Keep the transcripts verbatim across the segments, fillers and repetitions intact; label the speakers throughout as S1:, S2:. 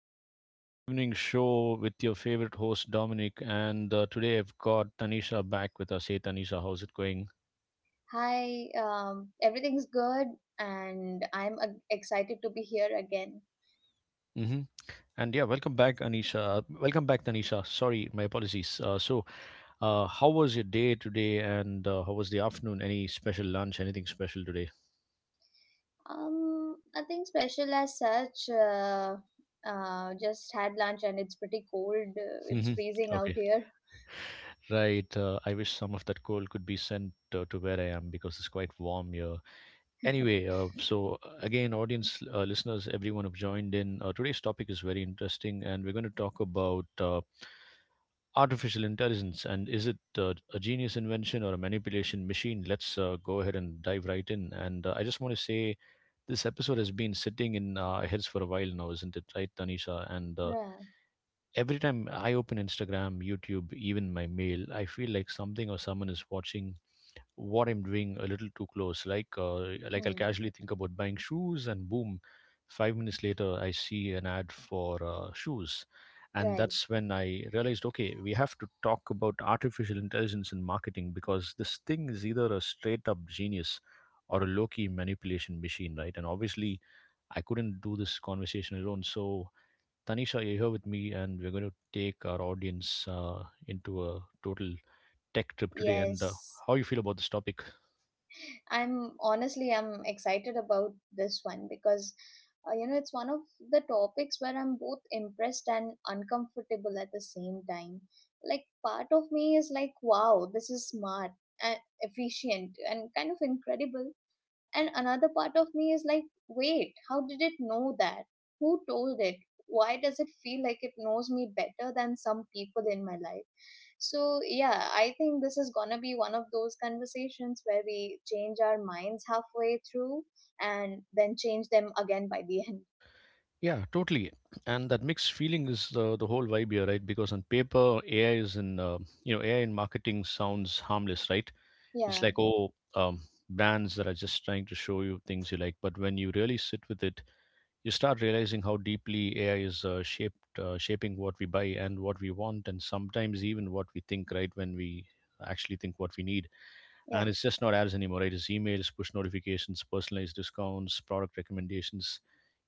S1: back to the evening show with your favorite host, Dominic. And uh, Today I've got Tanisha back with us. Hey, Tanisha, how's it going?
S2: Hi, um, everything's good, and I'm uh, excited to be here again.
S1: hmm And yeah, welcome back, Anisha. Welcome back, Tanisha. Sorry, my apologies. Uh, so, uh, how was your day today, and uh, how was the afternoon? Any special lunch? Anything special today?
S2: Um, nothing special as such. Uh, uh, just had lunch, and it's pretty cold. Uh, it's
S1: hmm
S2: freezing out
S1: Okay,
S2: here.
S1: right. Uh, I wish some of that cold could be sent uh, to where I am because it's quite warm here. Anyway, uh, so uh, again, audience uh, listeners, everyone who've joined in, uh, today's topic is very interesting, and we're going to talk about uh, artificial intelligence, and is it uh, a genius invention or a manipulation machine? Let's uh, go ahead and dive right in. And uh, I just want to say this episode has been sitting in our heads for a while now, isn't it, right, Tanisha? And uh,
S2: Yeah.
S1: Every time I open Instagram, YouTube, even my mail, I feel like something or someone is watching what I'm doing a little too close. Like uh, like I'll
S2: Hmm.
S1: casually think about buying shoes, and boom, five minutes later I see an ad for uh, shoes, and
S2: Right.
S1: that's when I realized, okay, we have to talk about artificial intelligence in marketing because this thing is either a straight up genius or a low key manipulation machine, right? And obviously, I couldn't do this conversation alone, so. Tanisha, you're here with me, and we're going to take our audience uh, into a total tech trip today. And uh,
S2: Yes.
S1: How you feel about this topic?
S2: I'm honestly I'm excited about this one because uh, you know it's one of the topics where I'm both impressed and uncomfortable at the same time. Like part of me is like, wow, this is smart, and efficient, and kind of incredible. And another part of me is like, wait, how did it know that? Who told it? Why does it feel like it knows me better than some people in my life? So, yeah, I think this is gonna be one of those conversations where we change our minds halfway through and then change them again by the end.
S1: Yeah, totally. And that mixed feeling is the the whole vibe here, right? Because on paper, A I is in uh, you know A I in marketing sounds harmless, right? It's
S2: Yeah,
S1: like, oh, um, brands that are just trying to show you things you like. But when you really sit with it, you start realizing how deeply A I is uh, shaped uh, shaping what we buy and what we want, and sometimes even what we think, right? When we actually think what we need,
S2: yeah.
S1: and it's just not ads anymore, right? It's emails, push notifications, personalized discounts, product recommendations,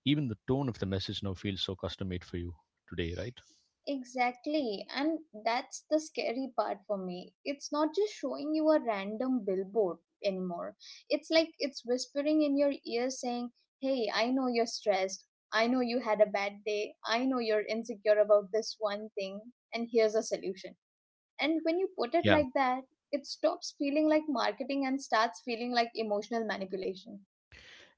S1: even the tone of the message now feels so custom made for you today, right?
S2: Exactly, and that's the scary part for me. It's not just showing you a random billboard anymore. It's like it's whispering in your ear saying, hey, I know you're stressed. I know you had a bad day. I know you're insecure about this one thing, and here's a solution. And when you put it
S1: Yeah,
S2: like that, it stops feeling like marketing and starts feeling like emotional manipulation.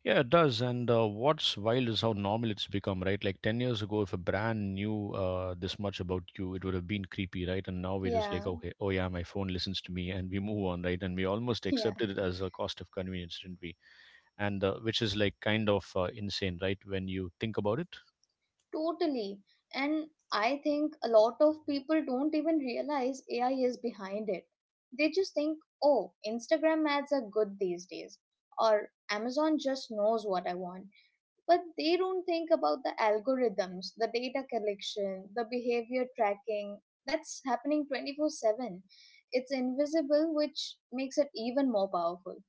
S1: yeah, it does. And uh, What's wild is how normal it's become, right? Like ten years ago if a brand knew uh, this much about you, it would have been creepy, right? And now we're just like,
S2: Yeah,
S1: okay, oh yeah, my phone listens to me, and we move on, right? And we almost
S2: yeah.
S1: accepted it as a cost of convenience, didn't we? And uh, Which is like kind of uh, insane, right, when you think about it.
S2: Totally. And I think a lot of people don't even realize A I is behind it. They just think, oh, Instagram ads are good these days, or Amazon just knows what I want. But they don't think about the algorithms, the data collection, the behavior tracking that's happening twenty-four seven. It's invisible, which makes it even more powerful.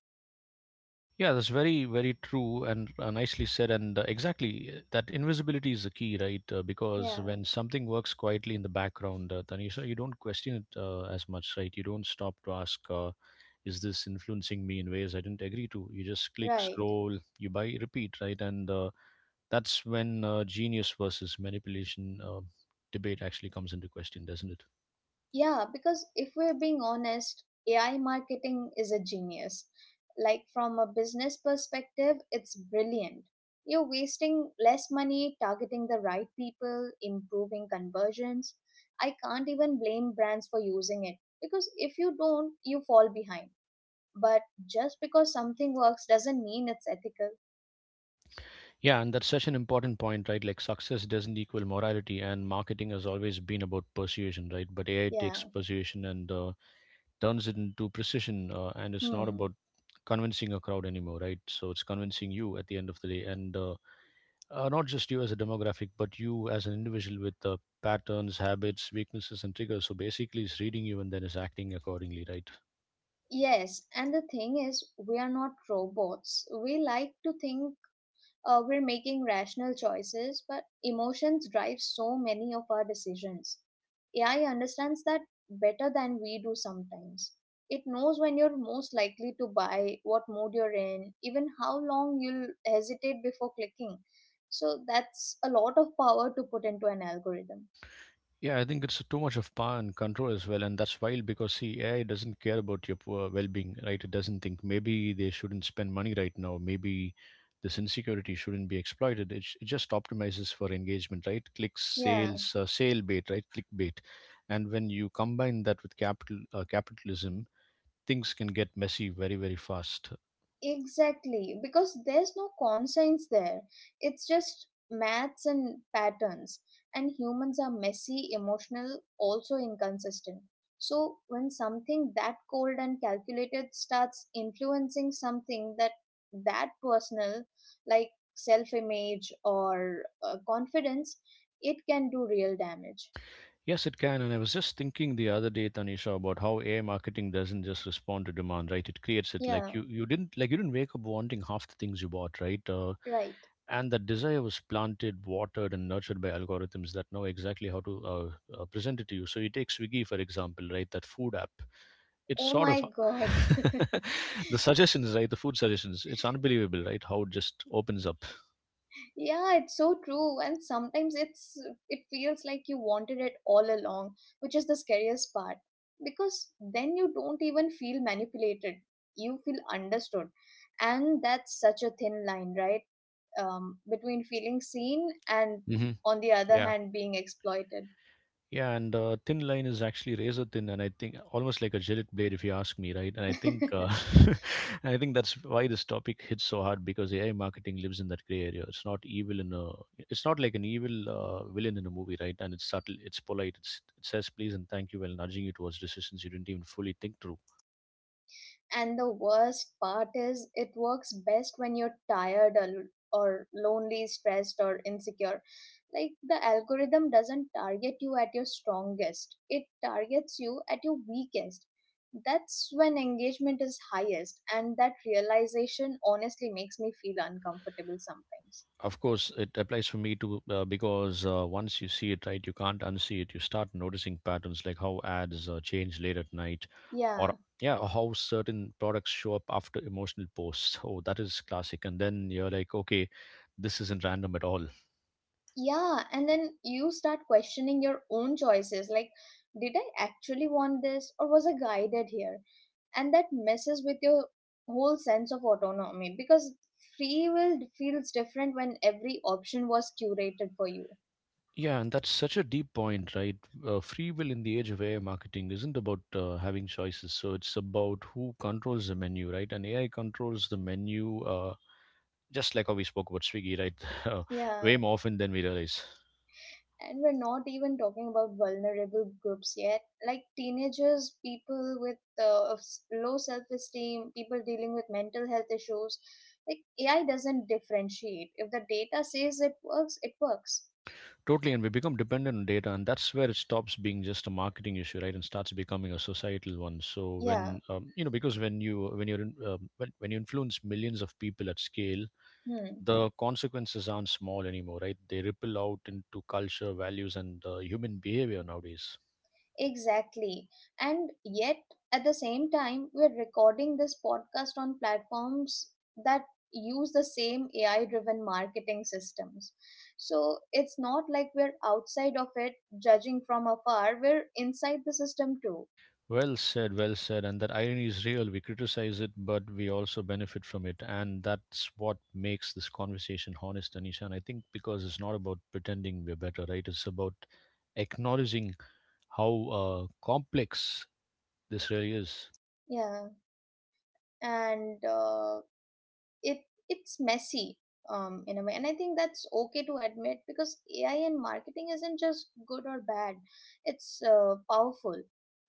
S1: Yeah, that's very, very true and uh, nicely said. And uh, Exactly, uh, that invisibility is the key, right? Uh, because
S2: Yeah,
S1: when something works quietly in the background, uh, Tanisha, you don't question it uh, as much, right? You don't stop to ask, uh, is this influencing me in ways I didn't agree to? You just click,
S2: right.
S1: scroll, you buy, repeat, right? And uh, That's when uh, genius versus manipulation uh, debate actually comes into question, doesn't it?
S2: Yeah, because if we're being honest, A I marketing is a genius. Like, from a business perspective, it's brilliant. You're wasting less money targeting the right people, improving conversions. I can't even blame brands for using it because if you don't, you fall behind. But just because something works doesn't mean it's ethical.
S1: Yeah, and that's such an important point, right? Like success doesn't equal morality, and marketing has always been about persuasion, right? But A I
S2: Yeah.
S1: takes persuasion and uh, turns it into precision, uh, and it's not
S2: Hmm.
S1: about convincing a crowd anymore, right? So it's convincing you at the end of the day, and uh, uh, not just you as a demographic, but you as an individual with uh, patterns, habits, weaknesses, and triggers. So basically, it's reading you and then it's acting accordingly, right?
S2: Yes, and the thing is, we are not robots. We like to think uh, we're making rational choices, but emotions drive so many of our decisions. A I understands that better than we do sometimes. It knows when you're most likely to buy, what mood you're in, even how long you'll hesitate before clicking. So that's a lot of power to put into an algorithm.
S1: Yeah, I think it's too much of power and control as well, and that's wild because see, A I doesn't care about your poor well-being, right? It doesn't think maybe they shouldn't spend money right now, maybe this insecurity shouldn't be exploited. It, j- it just optimizes for engagement, right? Clicks,
S2: Yeah.
S1: sales, uh, sale bait, right? Clickbait, and when you combine that with capital uh, capitalism, things can get messy very, very fast.
S2: Exactly, because there's no conscience there. It's just maths and patterns. And humans are messy, emotional, also inconsistent. So, when something that cold and calculated starts influencing something that that personal, like self image or uh, confidence, it can do real damage.
S1: Yes, it can. And I was just thinking the other day, Tanisha, about how A I marketing doesn't just respond to demand, right? It creates it.
S2: Yeah,
S1: Like you, you didn't like you didn't wake up wanting half the things you bought, right? Uh,
S2: right.
S1: and that desire was planted, watered, and nurtured by algorithms that know exactly how to uh, uh, present it to you. So you take Swiggy for example, right? That food app. It's
S2: Oh
S1: sort of
S2: my god.
S1: the suggestions, right? The food suggestions. It's unbelievable, right? How it just opens up.
S2: Yeah, it's so true. And sometimes it's it feels like you wanted it all along, which is the scariest part. Because then you don't even feel manipulated. You feel understood. And that's such a thin line, right? Um, between feeling seen and
S1: hmm
S2: on the other
S1: Yeah.
S2: hand being exploited.
S1: Yeah, and uh, thin line is actually razor thin, and I think almost like a Gillette blade, if you ask me, right? And I think, uh, and I think that's why this topic hits so hard because A I marketing lives in that gray area. It's not evil in a, it's not like an evil uh, villain in a movie, right? And it's subtle, it's polite, it's, it says please and thank you while nudging you towards decisions you didn't even fully think through.
S2: And the worst part is, it works best when you're tired or, or lonely, stressed, or insecure. Like the algorithm doesn't target you at your strongest, it targets you at your weakest. That's when engagement is highest, and that realization honestly makes me feel uncomfortable sometimes.
S1: Of course, it applies for me too uh, because uh, once you see it, right, you can't unsee it. You start noticing patterns like how ads uh, change late at night, or
S2: Yeah.
S1: yeah, or how certain products show up after emotional posts. Oh, that is classic. And then you're like, okay, this isn't random at all.
S2: Yeah, and then you start questioning your own choices like, did I actually want this, or was I guided here? And that messes with your whole sense of autonomy because free will feels different when every option was curated for you.
S1: Yeah, and that's such a deep point, right? Uh, free will in the age of A I marketing isn't about uh, having choices. So it's about who controls the menu, right? And A I controls the menu. Uh, just like how we spoke about Swiggy, right? Way
S2: Yeah,
S1: more often than we realize.
S2: and we're not even talking about vulnerable groups yet, like teenagers, people with uh, of s- low self-esteem, people dealing with mental health issues. Like AI doesn't differentiate. If the data says it works, it works.
S1: Totally, and we become dependent on data, and that's where it stops being just a marketing issue, right, and starts becoming a societal one. So
S2: Yeah.
S1: when um, you know, because when you when you're in, um, when when you influence millions of people at scale,
S2: Hmm.
S1: the consequences aren't small anymore, right? They ripple out into culture, values, and uh, human behavior nowadays.
S2: Exactly. And yet, at the same time, we're recording this podcast on platforms that use the same A I driven marketing systems. So it's not like we're outside of it, judging from afar, we're inside the system too.
S1: Well said, well said. And that irony is real. We criticize it, but we also benefit from it. And that's what makes this conversation honest, Anisha. And I think because it's not about pretending we're better, right? It's about acknowledging how uh, complex this really is.
S2: Yeah. And uh, it it's messy um, in a way, and I think that's okay to admit because AI and marketing isn't just good or bad, it's uh, powerful,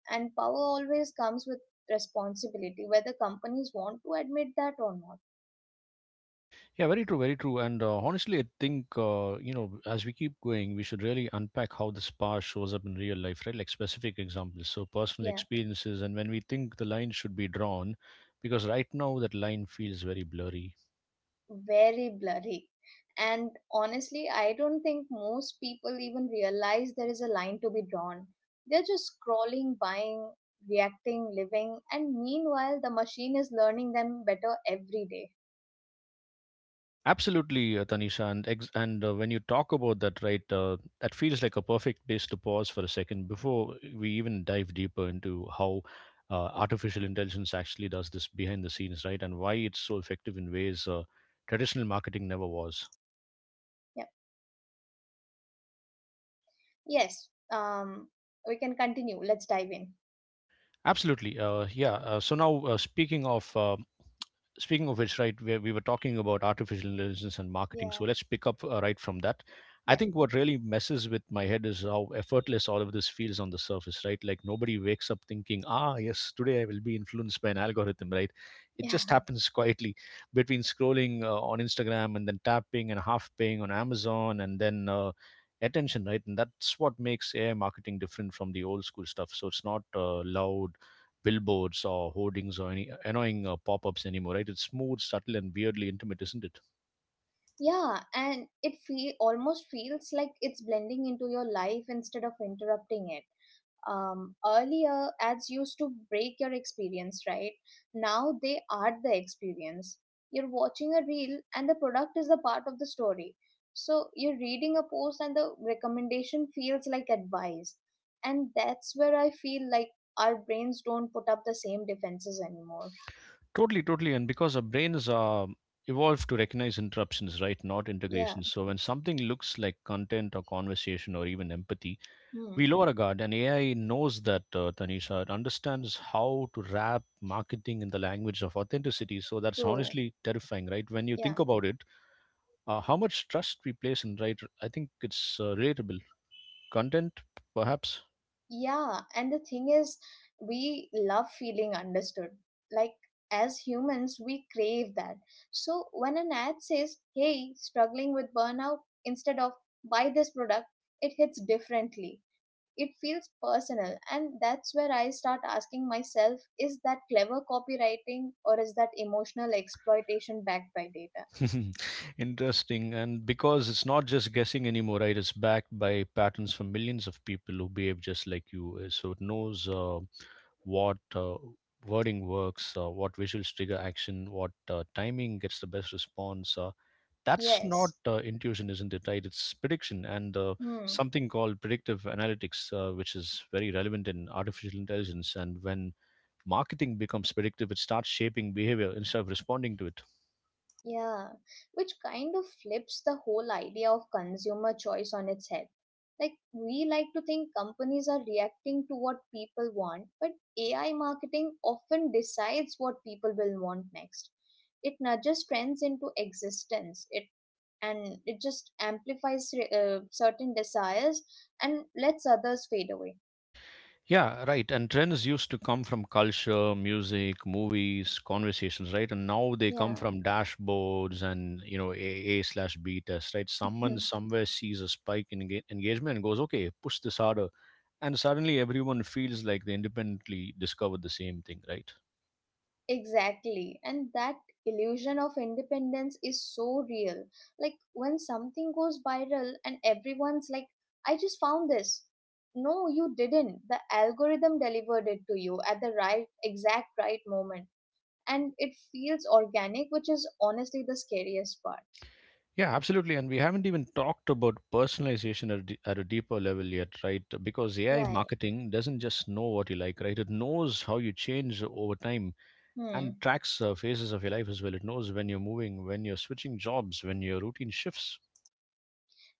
S2: and power always comes with responsibility whether companies want to admit that or not.
S1: Yeah, very true, very true. And uh, Honestly, I think, uh, you know, as we keep going, we should really unpack how this power shows up in real life, right? Like specific examples, so personal
S2: Yeah,
S1: experiences, and when we think the line should be drawn, because right now that line feels very blurry.
S2: very blurry. And honestly, I don't think most people even realize there is a line to be drawn. They're just scrolling, buying, reacting, living, and meanwhile the machine is learning them better every day.
S1: Absolutely, uh, Tanisha, and ex- and uh, when you talk about that, right, uh, that feels like a perfect place to pause for a second before we even dive deeper into how uh, artificial intelligence actually does this behind the scenes, right, and why it's so effective in ways uh, traditional marketing never was.
S2: Yes, um, we can continue. Let's dive in.
S1: Absolutely. Uh, yeah. Uh, so now, uh, speaking of uh, Speaking of which, right, we, we were talking about artificial intelligence and marketing.
S2: Yeah,
S1: So let's pick up uh, right from that. I
S2: yeah,
S1: think what really messes with my head is how effortless all of this feels on the surface, right? Like nobody wakes up thinking, ah, yes, today I will be influenced by an algorithm, right? It
S2: yeah,
S1: just happens quietly between scrolling uh, on Instagram and then tapping and half paying on Amazon and then uh, attention, right? And that's what makes A I marketing different from the old school stuff. So it's not uh, loud billboards or hoardings or any annoying uh, pop-ups anymore, right? It's smooth, subtle, and weirdly intimate, isn't it?
S2: yeah. And it feel almost feels like it's blending into your life instead of interrupting it. Um, earlier, ads used to break your experience, right? Now they are the experience. You're watching a reel, and the product is a part of the story. So you're reading a post, and the recommendation feels like advice. And that's where I feel like our brains don't put up the same defenses anymore.
S1: Totally, totally. And because our brains are evolved to recognize interruptions, right? Not
S2: Yeah,
S1: integrations. So when something looks like content or conversation or even empathy, we
S2: hmm,
S1: lower our guard. And A I knows that, uh, Tanisha. It understands how to wrap marketing in the language of authenticity. So that's
S2: true.
S1: honestly terrifying, right? When you
S2: Yeah,
S1: think about it, uh, how much trust we place in, right? I think it's uh, relatable. Content, perhaps?
S2: yeah. And the thing is, we love feeling understood. Like, as humans, we crave that. So, when an ad says, hey, struggling with burnout, instead of buy this product, it hits differently. It feels personal. And that's where I start asking myself, is that clever copywriting or is that emotional exploitation backed by data?
S1: Interesting. And because it's not just guessing anymore, right? It's backed by patterns from millions of people who behave just like you. Uh, So it knows uh, what uh, wording works, uh, what visuals trigger action, what uh, timing gets the best response. Uh, that's not
S2: Yes.
S1: uh, intuition, isn't it, right? It's prediction and uh,
S2: Hmm.
S1: something called predictive analytics, uh, which is very relevant in artificial intelligence. And when marketing becomes predictive, it starts shaping behavior instead of responding to it.
S2: Yeah, which kind of flips the whole idea of consumer choice on its head. Like, we like to think companies are reacting to what people want, but A I marketing often decides what people will want next. It nudges trends into existence, it and it just amplifies uh, certain desires and lets others fade away.
S1: Yeah, right. And trends used to come from culture, music, movies, conversations, right? And now they come
S2: Yeah.
S1: from dashboards and you know A A slash B test, right? Someone somewhere sees a spike in enga- engagement and goes, "Okay, push this harder," and suddenly everyone feels like they independently discovered the same thing, right?
S2: Exactly. And that illusion of independence is so real. Like when something goes viral and everyone's like, I just found this. No, you didn't. The algorithm delivered it to you at the right, exact right moment. And it feels organic, which is honestly the scariest part.
S1: Yeah, absolutely. And we haven't even talked about personalization at a, d- at a deeper level yet, right? Because A I
S2: Right.
S1: marketing doesn't just know what you like, right? It knows how you change over time and
S2: Hmm.
S1: tracks uh, phases of your life as well. It knows when you're moving, when you're switching jobs, when your routine shifts.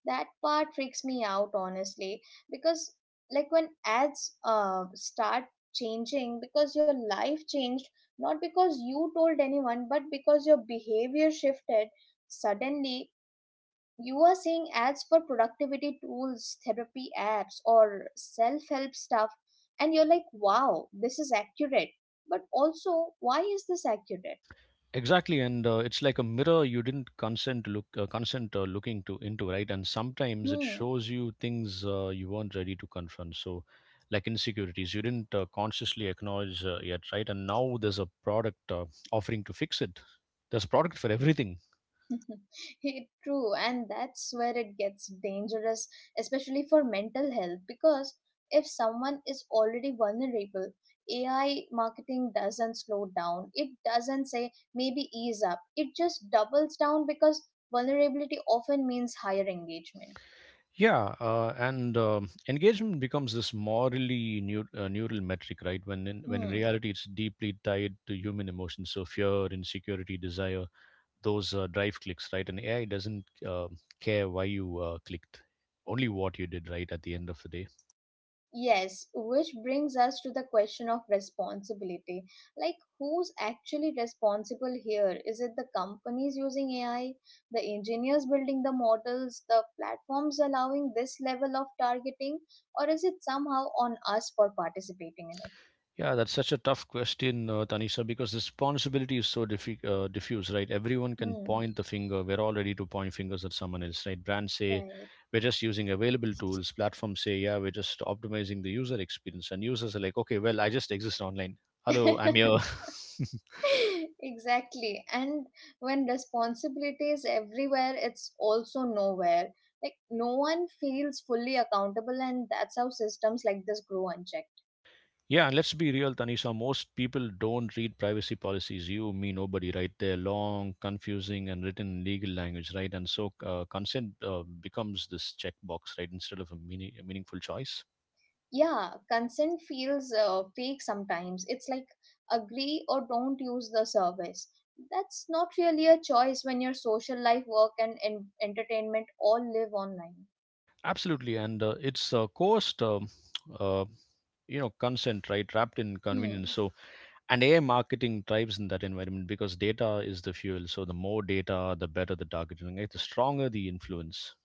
S2: That part freaks me out honestly, because like when ads uh, start changing because your life changed, not because you told anyone but because your behavior shifted, suddenly you are seeing ads for productivity tools, therapy apps, or self-help stuff, and you're like, wow, this is accurate, but also why is this accurate?
S1: Exactly, and uh, it's like a mirror you didn't consent to look, uh, consent uh, looking to into, right? And sometimes it
S2: Hmm.
S1: shows you things uh, you weren't ready to confront. So, like insecurities, you didn't uh, consciously acknowledge uh, yet, right? And now there's a product uh, offering to fix it. There's a product for everything.
S2: It- true, and that's where it gets dangerous, especially for mental health, because if someone is already vulnerable, A I marketing doesn't slow down. It doesn't say maybe ease up. It just doubles down because vulnerability often means higher engagement.
S1: Yeah, uh, and um engagement becomes this morally neu- uh, neural metric, right? When in, when in
S2: Hmm.
S1: reality, it's deeply tied to human emotions. So fear, insecurity, desire, those uh, drive clicks, right? And A I doesn't uh, care why you uh, clicked, only what you did, right? At the end of the day.
S2: Yes, which brings us to the question of responsibility. Like, who's actually responsible here? Is it the companies using A I, the engineers building the models, the platforms allowing this level of targeting, or is it somehow on us for participating
S1: Yeah, that's such a tough question, uh, Tanisha, because responsibility is so diffi- uh, diffuse, right? Everyone
S2: in
S1: can
S2: it?
S1: point the finger. We're all ready to point fingers at someone else, right? Brands say, we're just using available tools. Platforms say, yeah, we're just optimizing the user experience. And users are like, okay, well, I just exist online.
S2: Hmm,
S1: Hello,
S2: right.
S1: I'm here.
S2: Exactly. And when responsibility is everywhere, it's also nowhere. Like, no one feels fully accountable, and that's how systems like this grow unchecked.
S1: Yeah, and let's be real, Tanisha. Most people don't read privacy policies. You, me, nobody, right? They're long, confusing, and written in legal language, right? And so uh, consent uh, becomes this checkbox, right, instead of a, meaning, a meaningful choice.
S2: Yeah, consent feels uh, fake sometimes. It's like agree or don't use the service. That's not really a choice when your social life, work, and en- entertainment all live online.
S1: Absolutely, and uh, it's uh, cost, um uh, you know, consent, right, wrapped in
S2: Hmm.
S1: convenience. So, and A I marketing thrives in that environment because data is the fuel. So, the more data, the better the targeting, right? The stronger the influence.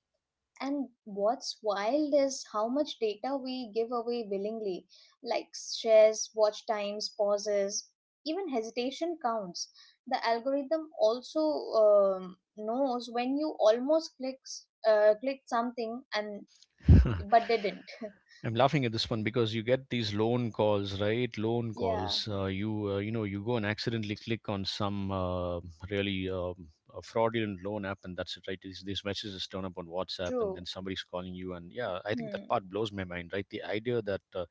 S2: And what's wild is how much data we give away willingly, like shares, watch times, pauses, even hesitation counts. The algorithm also um, knows when you almost clicks, uh, clicked something and but didn't.
S1: I'm laughing at this one because you get these loan calls, right? Loan
S2: Yeah,
S1: calls. Uh, you uh, you know you go and accidentally click on some uh, really um, a fraudulent loan app, and that's it, right? These, these messages turn up on WhatsApp, and
S2: true.
S1: then somebody's calling you, and yeah, I think that
S2: Hmm.
S1: part blows my mind, right? The idea that uh,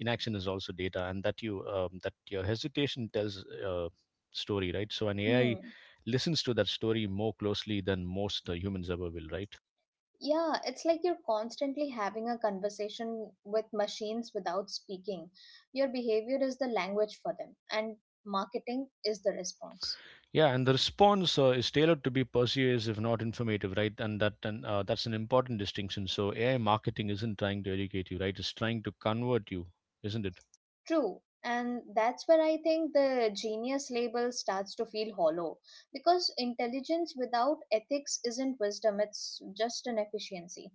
S1: inaction is also data, and that you um, that your hesitation tells uh, story, right? So an A I
S2: Hmm.
S1: listens to that story more closely than most uh, humans ever will, right?
S2: Yeah, it's like you're constantly having a conversation with machines without speaking. Your behavior is the language for them, and marketing is the response.
S1: Yeah, and the response uh, is tailored to be persuasive, not informative, right? And that and uh, that's an important distinction. So A I marketing isn't trying to educate you, right? It's trying to convert you, isn't it?
S2: True. And that's where I think the genius label starts to feel hollow because intelligence without ethics isn't wisdom, it's just an efficiency.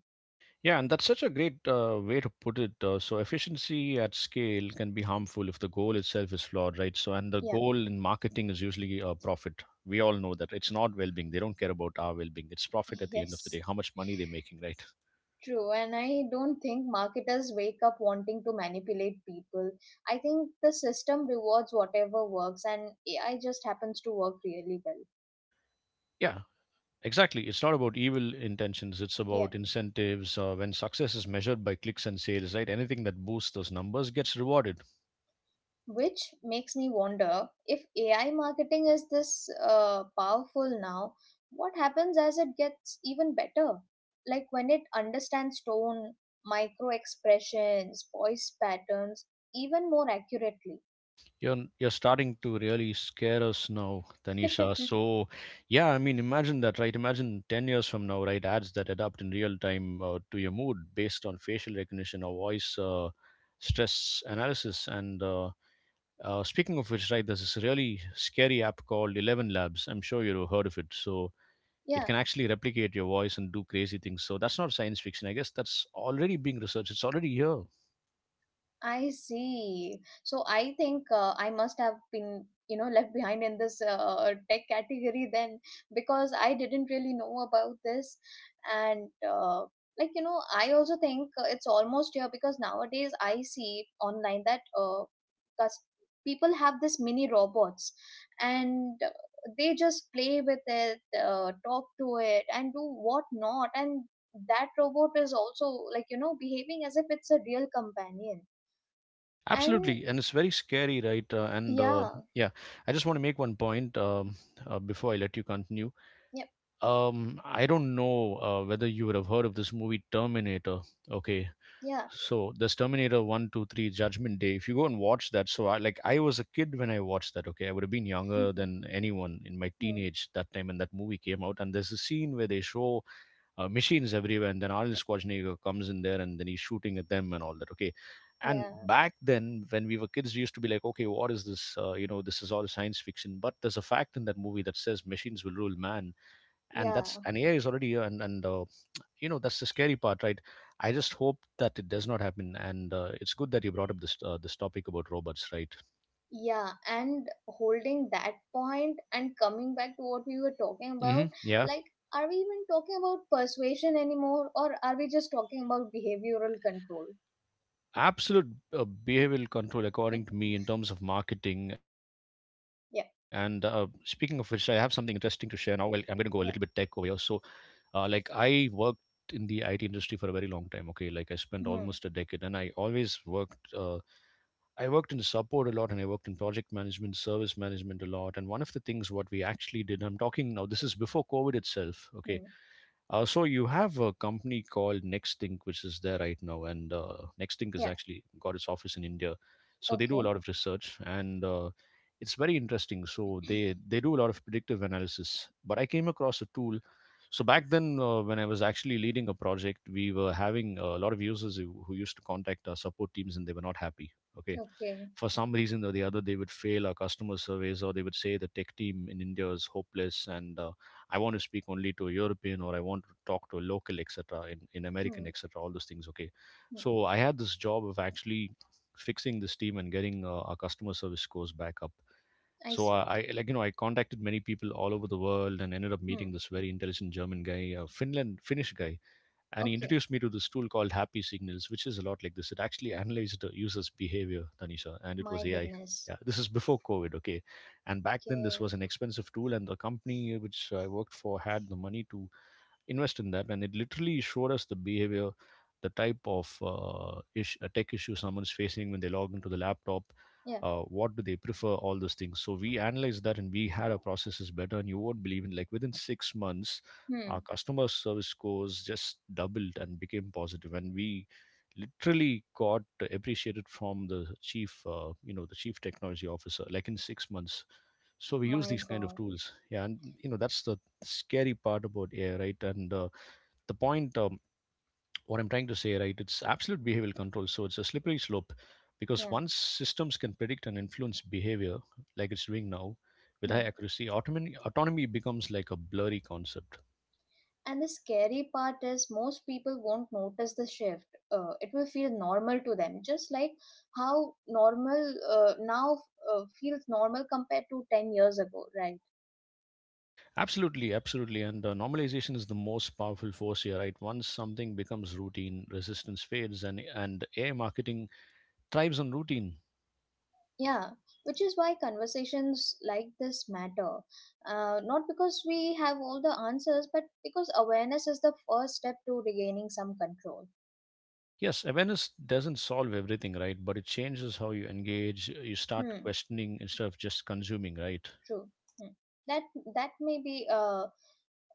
S1: Yeah, and that's such a great uh, way to put it. Uh, so efficiency at scale can be harmful if the goal itself is flawed, right? So and the
S2: Yeah,
S1: goal in marketing is usually uh, profit. We all know that it's not well-being. They don't care about our well-being. It's profit at the end of the
S2: yes,
S1: day, how much money they're making, right?
S2: true. And I don't think marketers wake up wanting to manipulate people. I think the system rewards whatever works, and A I just happens to work really well.
S1: Yeah, exactly. It's not about evil intentions. It's
S2: Yeah.
S1: about incentives. Uh, when success is measured by clicks and sales, right? Anything that boosts those numbers gets rewarded.
S2: Which makes me wonder, if A I marketing is this uh, powerful now, what happens as it gets even better? Like when it understands tone, micro expressions, voice patterns even more accurately.
S1: You're you're starting to really scare us now, Tanisha. So, yeah, I mean, imagine that, right? Imagine ten years from now, right? Ads that adapt in real time uh, to your mood based on facial recognition or voice uh, stress analysis. And uh, uh, speaking of which, right, there's this really scary app called Eleven Labs. I'm sure you've heard of it. So it
S2: Yeah.
S1: can actually replicate your voice and do crazy things. So that's not science fiction. I guess that's already being researched. It's already here.
S2: I see. So I think uh, I must have been, you know, left behind in this uh, tech category then because I didn't really know about this. And uh, like, you know, I also think uh, it's almost here because nowadays I see online that uh, cus- people have this mini robots and uh, they just play with it, uh, talk to it, and do what not. And that robot is also like, you know, behaving as if it's a real companion. And
S1: Absolutely, and it's very scary, right? Uh, and uh,
S2: yeah,
S1: yeah, I just want to make one point um, uh, before I let you continue.
S2: yep,
S1: Um, I don't know uh, whether you would have heard of this movie Terminator. Okay,
S2: yeah,
S1: so this Terminator One, Two, Three, Judgment Day. If you go and watch that, so I like I was a kid when I watched that. Okay, I would have been younger than anyone in my
S2: hmm,
S1: teenage that time when that movie came out. And there's a scene where they show uh, machines everywhere, and then Arnold Schwarzenegger comes in there, and then he's shooting at them and all that. Okay, and
S2: yeah,
S1: back then when we were kids, we used to be like, okay, what is this? Uh, you know, this is all science fiction. But there's a fact in that movie that says machines will rule man, and
S2: yeah,
S1: that's and A I is already here, and and uh, you know that's the scary part, right? I just hope that it does not happen, and uh, it's good that you brought up this uh, this topic about robots, right?
S2: yeah. And holding that point and coming back to what we were talking about,
S1: Hmm. Yeah,
S2: like, are we even talking about persuasion anymore, or are we just talking about behavioral control?
S1: absolute, uh, behavioral control according to me in terms of marketing and uh, speaking of
S2: Yeah,
S1: which, I have something interesting to share now. I'll- I'm going to go a little bit tech over here.
S2: yeah,
S1: So uh, like I worked in the IT industry for a very long time. Okay, like I spent
S2: hmm,
S1: almost a decade, and I always worked uh, I worked in support a lot, and I worked in project management, service management a lot. And one of the things what we actually did, I'm talking now, this is before COVID itself, okay.
S2: hmm,
S1: Uh, so you have a company called Nextink, which is there right now, and uh, Nextink has
S2: yeah.
S1: actually got its office in India. So they do a
S2: Okay,
S1: lot of research, and uh, it's very interesting. So they they do a lot of predictive analysis. But I came across a tool. So back then, uh, when I was actually leading a project, we were having a lot of users who, who used to contact our support teams, and they were not happy. Okay,
S2: okay,
S1: for some reason or the other, they would fail our customer surveys, or they would say the tech team in India is hopeless, and uh, I want to speak only to a European, or I want to talk to a local, et cetera, in, in American,
S2: hmm,
S1: et cetera, all those things. Okay.
S2: hmm.
S1: So I had this job of actually fixing this team and getting uh, our customer service scores back up.
S2: I
S1: So
S2: see.
S1: I, I like you know I contacted many people all over the world and ended up
S2: Hmm.
S1: meeting this very intelligent German guy, a Finland Finnish guy, and he
S2: Okay.
S1: introduced me to this tool called Happy Signals, which is a lot like this. It actually analyzed the user's behavior, Tanisha, and it was
S2: My
S1: A I.
S2: goodness.
S1: Yeah, this is before COVID, okay. And back then, this was
S2: Okay.
S1: an expensive tool, and the company which I worked for had the money to invest in that, and it literally showed us the behavior, the type of uh, ish, a tech issue someone's facing when they log into the laptop,
S2: Yeah.
S1: uh, what do they prefer, all those things. So we analyzed that, and we had our processes better, and you won't believe, in like within six months, our
S2: Hmm.
S1: customer service scores just doubled and became positive, and we literally got appreciated from the chief uh, you know, the chief technology officer, like in six months. So we use
S2: My
S1: these kind of
S2: God.
S1: tools, yeah, and you know, that's the scary part about AI, right? And uh, the point, um, what I'm trying to say, right, it's absolute behavioral control. So it's a slippery slope because
S2: Yeah.
S1: once systems can predict and influence behavior like it's doing now with high
S2: Hmm.
S1: accuracy, autonomy autonomy becomes like a blurry concept.
S2: And the scary part is most people won't notice the shift. Uh, it will feel normal to them, just like how normal uh, now uh, feels normal compared to ten years ago, right?
S1: Absolutely, absolutely, and uh, normalization is the most powerful force here, right? Once something becomes routine, resistance fades, and and AI marketing thrives on routine.
S2: Yeah, which is why conversations like this matter. Uh, not because we have all the answers, but because awareness is the first step to regaining some control.
S1: Yes, awareness doesn't solve everything, right? But it changes how you engage. You start
S2: Hmm,
S1: questioning instead of just consuming, right?
S2: true. Hmm. That that may be uh,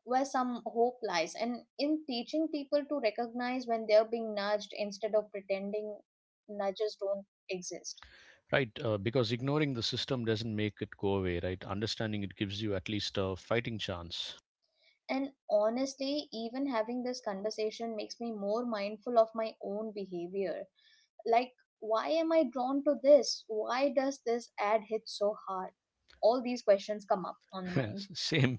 S2: where some hope lies, and in teaching people to recognize when they're being nudged instead of pretending nudges don't exist.
S1: Right, uh, because ignoring the system doesn't make it go away, right? Understanding it gives you at least a fighting chance.
S2: And honestly, even having this conversation makes me more mindful of my own behavior. Like, why am I drawn to this? Why does this ad hit so hard? All these questions come up on the mind.
S1: S- same,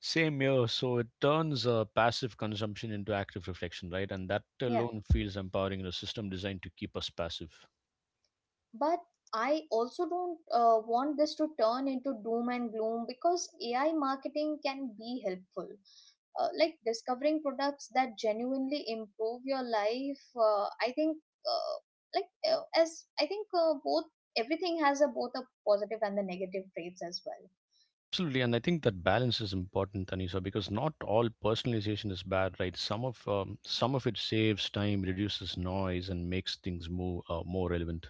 S1: same here. So it turns uh, passive consumption into active reflection, right? And that
S2: Yeah.
S1: alone feels empowering in a system designed to keep us passive.
S2: But I also don't uh, want this to turn into doom and gloom, because A I marketing can be helpful. Uh, like discovering products that genuinely improve your life. uh, I think, uh, like uh, as i think uh, both, everything has a both a positive and the negative traits as well.
S1: Absolutely, and I think that balance is important, Anisa, because not all personalization is bad, right? Some of um, some of it saves time, reduces noise, and makes things more uh, more relevant.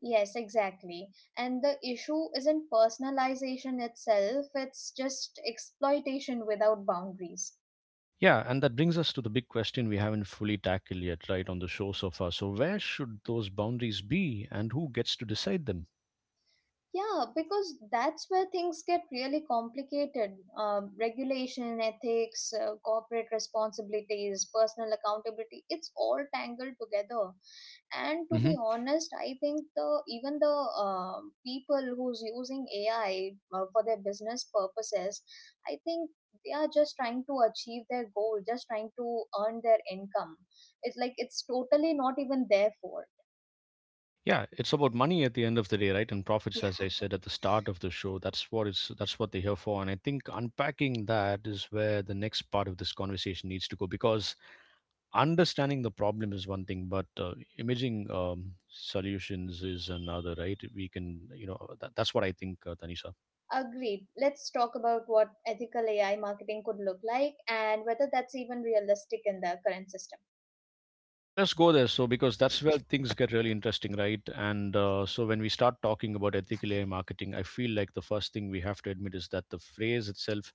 S2: Yes, exactly. And the issue isn't personalization itself, it's just exploitation without boundaries.
S1: Yeah, and that brings us to the big question we haven't fully tackled yet, right, on the show so far. So, where should those boundaries be, and who gets to decide them?
S2: Yeah, because that's where things get really complicated. Um, regulation, ethics, uh, corporate responsibilities, personal accountability, it's all tangled together. And to
S1: Hmm.
S2: be honest, I think the even the um people who's using A I uh, for their business purposes, I think they are just trying to achieve their goal, just trying to earn their income. It's like it's totally not even there for.
S1: Yeah, it's about money at the end of the day, right? And profits,
S2: It.
S1: as I said at the start of the show, that's what it's that's what they're here for. And I think unpacking that is where the next part of this conversation needs to go, because understanding the problem is one thing, but uh, imaging um, solutions is another, right? We can, you know, that, that's what I think, uh, Tanisha.
S2: Agreed. Let's talk about what ethical A I marketing could look like and whether that's even realistic in the current system.
S1: Yeah, let's go there. So, because that's where things get really interesting, right? And uh, so, when we start talking about ethical A I marketing, I feel like the first thing we have to admit is that the phrase itself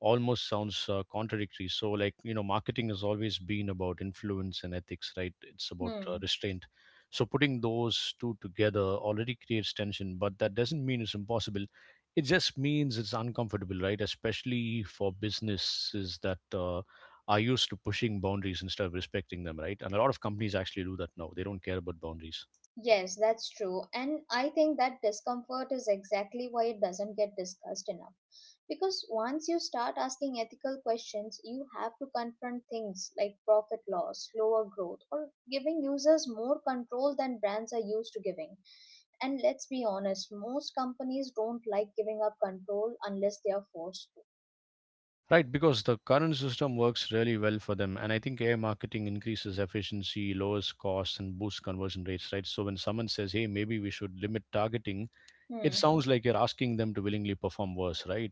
S1: almost sounds uh, contradictory. So, like, you know, marketing has always been about influence and ethics, right? It's about uh,
S2: Hmm.
S1: restraint. So, putting those two together already creates tension, but that doesn't mean it's impossible. It just means it's uncomfortable, right? Especially for businesses that uh, are used to pushing boundaries instead of respecting them, right? And a lot of companies actually do that now. They don't care about boundaries.
S2: Yes, that's true. And I think that discomfort is exactly why it doesn't get discussed enough. Because once you start asking ethical questions, you have to confront things like profit loss, slower growth, or giving users more control than brands are used to giving. And let's be honest, most companies don't like giving up control unless they are forced to.
S1: Right, because the current system works really well for them. And I think A I marketing increases efficiency, lowers costs, and boosts conversion rates, right? So when someone says, hey, maybe we should limit targeting, it
S2: Hmm.
S1: sounds like you're asking them to willingly perform worse, right?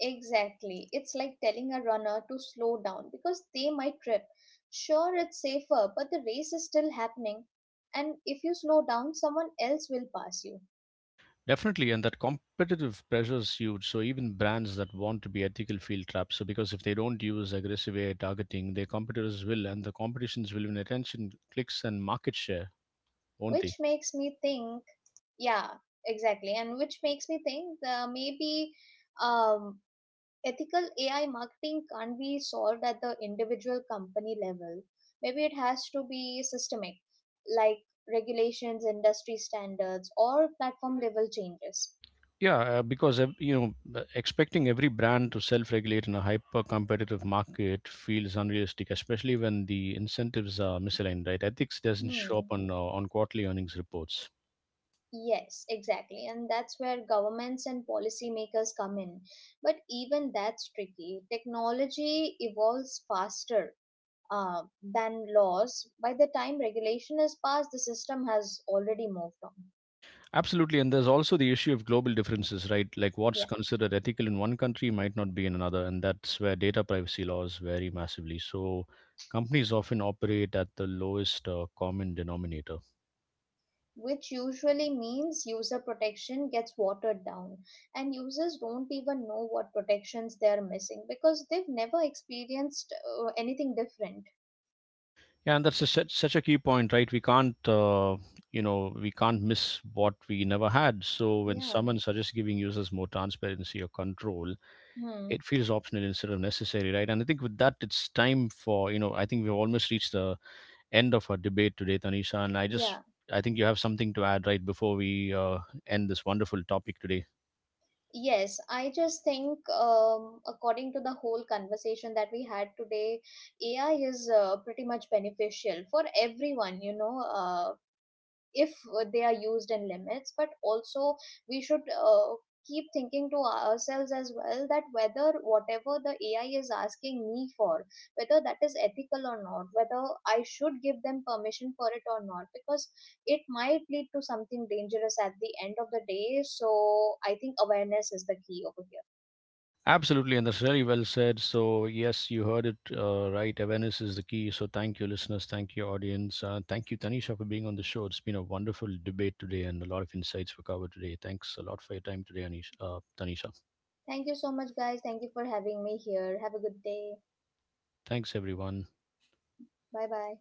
S2: Exactly. It's like telling a runner to slow down because they might trip. Sure, it's safer, but the race is still happening. And if you slow down, someone else will pass you.
S1: Definitely. And that competitive pressure is huge. So even brands that want to be ethical feel trapped. So because if they don't use aggressive A I targeting, their competitors will, and the competitions will win attention, clicks, and market share, won't they?
S2: Which makes me think, yeah, exactly. And which makes me think, uh, maybe um, ethical A I marketing can't be solved at the individual company level. Maybe it has to be systemic, like regulations, industry standards, or platform level changes.
S1: Yeah, uh, because ev- you know, uh, expecting every brand to self-regulate in a hyper-competitive market feels unrealistic, especially when the incentives are misaligned. Right, ethics doesn't show up
S2: Hmm.
S1: on uh, on quarterly earnings reports.
S2: Yes, exactly. And that's where governments and policymakers come in. But even that's tricky. Technology evolves faster uh, than laws. By the time regulation is passed, the system has already moved on.
S1: Absolutely, and there's also the issue of global differences, right? Like what's
S2: Yeah.
S1: considered ethical in one country might not be in another, and that's where data privacy laws vary massively. So companies often operate at the lowest uh, common denominator.
S2: Which usually means user protection gets watered down, and users don't even know what protections they are missing because they've never experienced uh, anything different.
S1: Yeah, and that's a, such, such a key point, right? We can't, uh, you know, we can't miss what we never had. So when
S2: Yeah.
S1: someone suggests giving users more transparency or control,
S2: Hmm.
S1: it feels optional instead of necessary, right? And I think with that, it's time for, you know, I think we've almost reached the end of our debate today, Tanisha. And I just,
S2: Yeah.
S1: I think you have something to add, right, before we uh, end this wonderful topic today.
S2: Yes, I just think, um, according to the whole conversation that we had today, A I is uh, pretty much beneficial for everyone, you know. Uh, if uh, they are used in limits, but also we should uh, keep thinking to ourselves as well, that whether whatever the AI is asking me for, whether that is ethical or not, whether I should give them permission for it or not, because it might lead to something dangerous at the end of the day. So I think awareness is the key over here.
S1: Absolutely, and that's really well said. So, yes, you heard it uh, right. Awareness is the key. So, thank you, listeners. Thank you, audience. Uh, thank you, Tanisha, for being on the show. It's been a wonderful debate today, and a lot of insights were covered today. Thanks a lot for your time today, Anish, uh, Tanisha.
S2: Thank you so much, guys. Thank you for having me here. Have a good day.
S1: Thanks, everyone.
S2: Bye bye.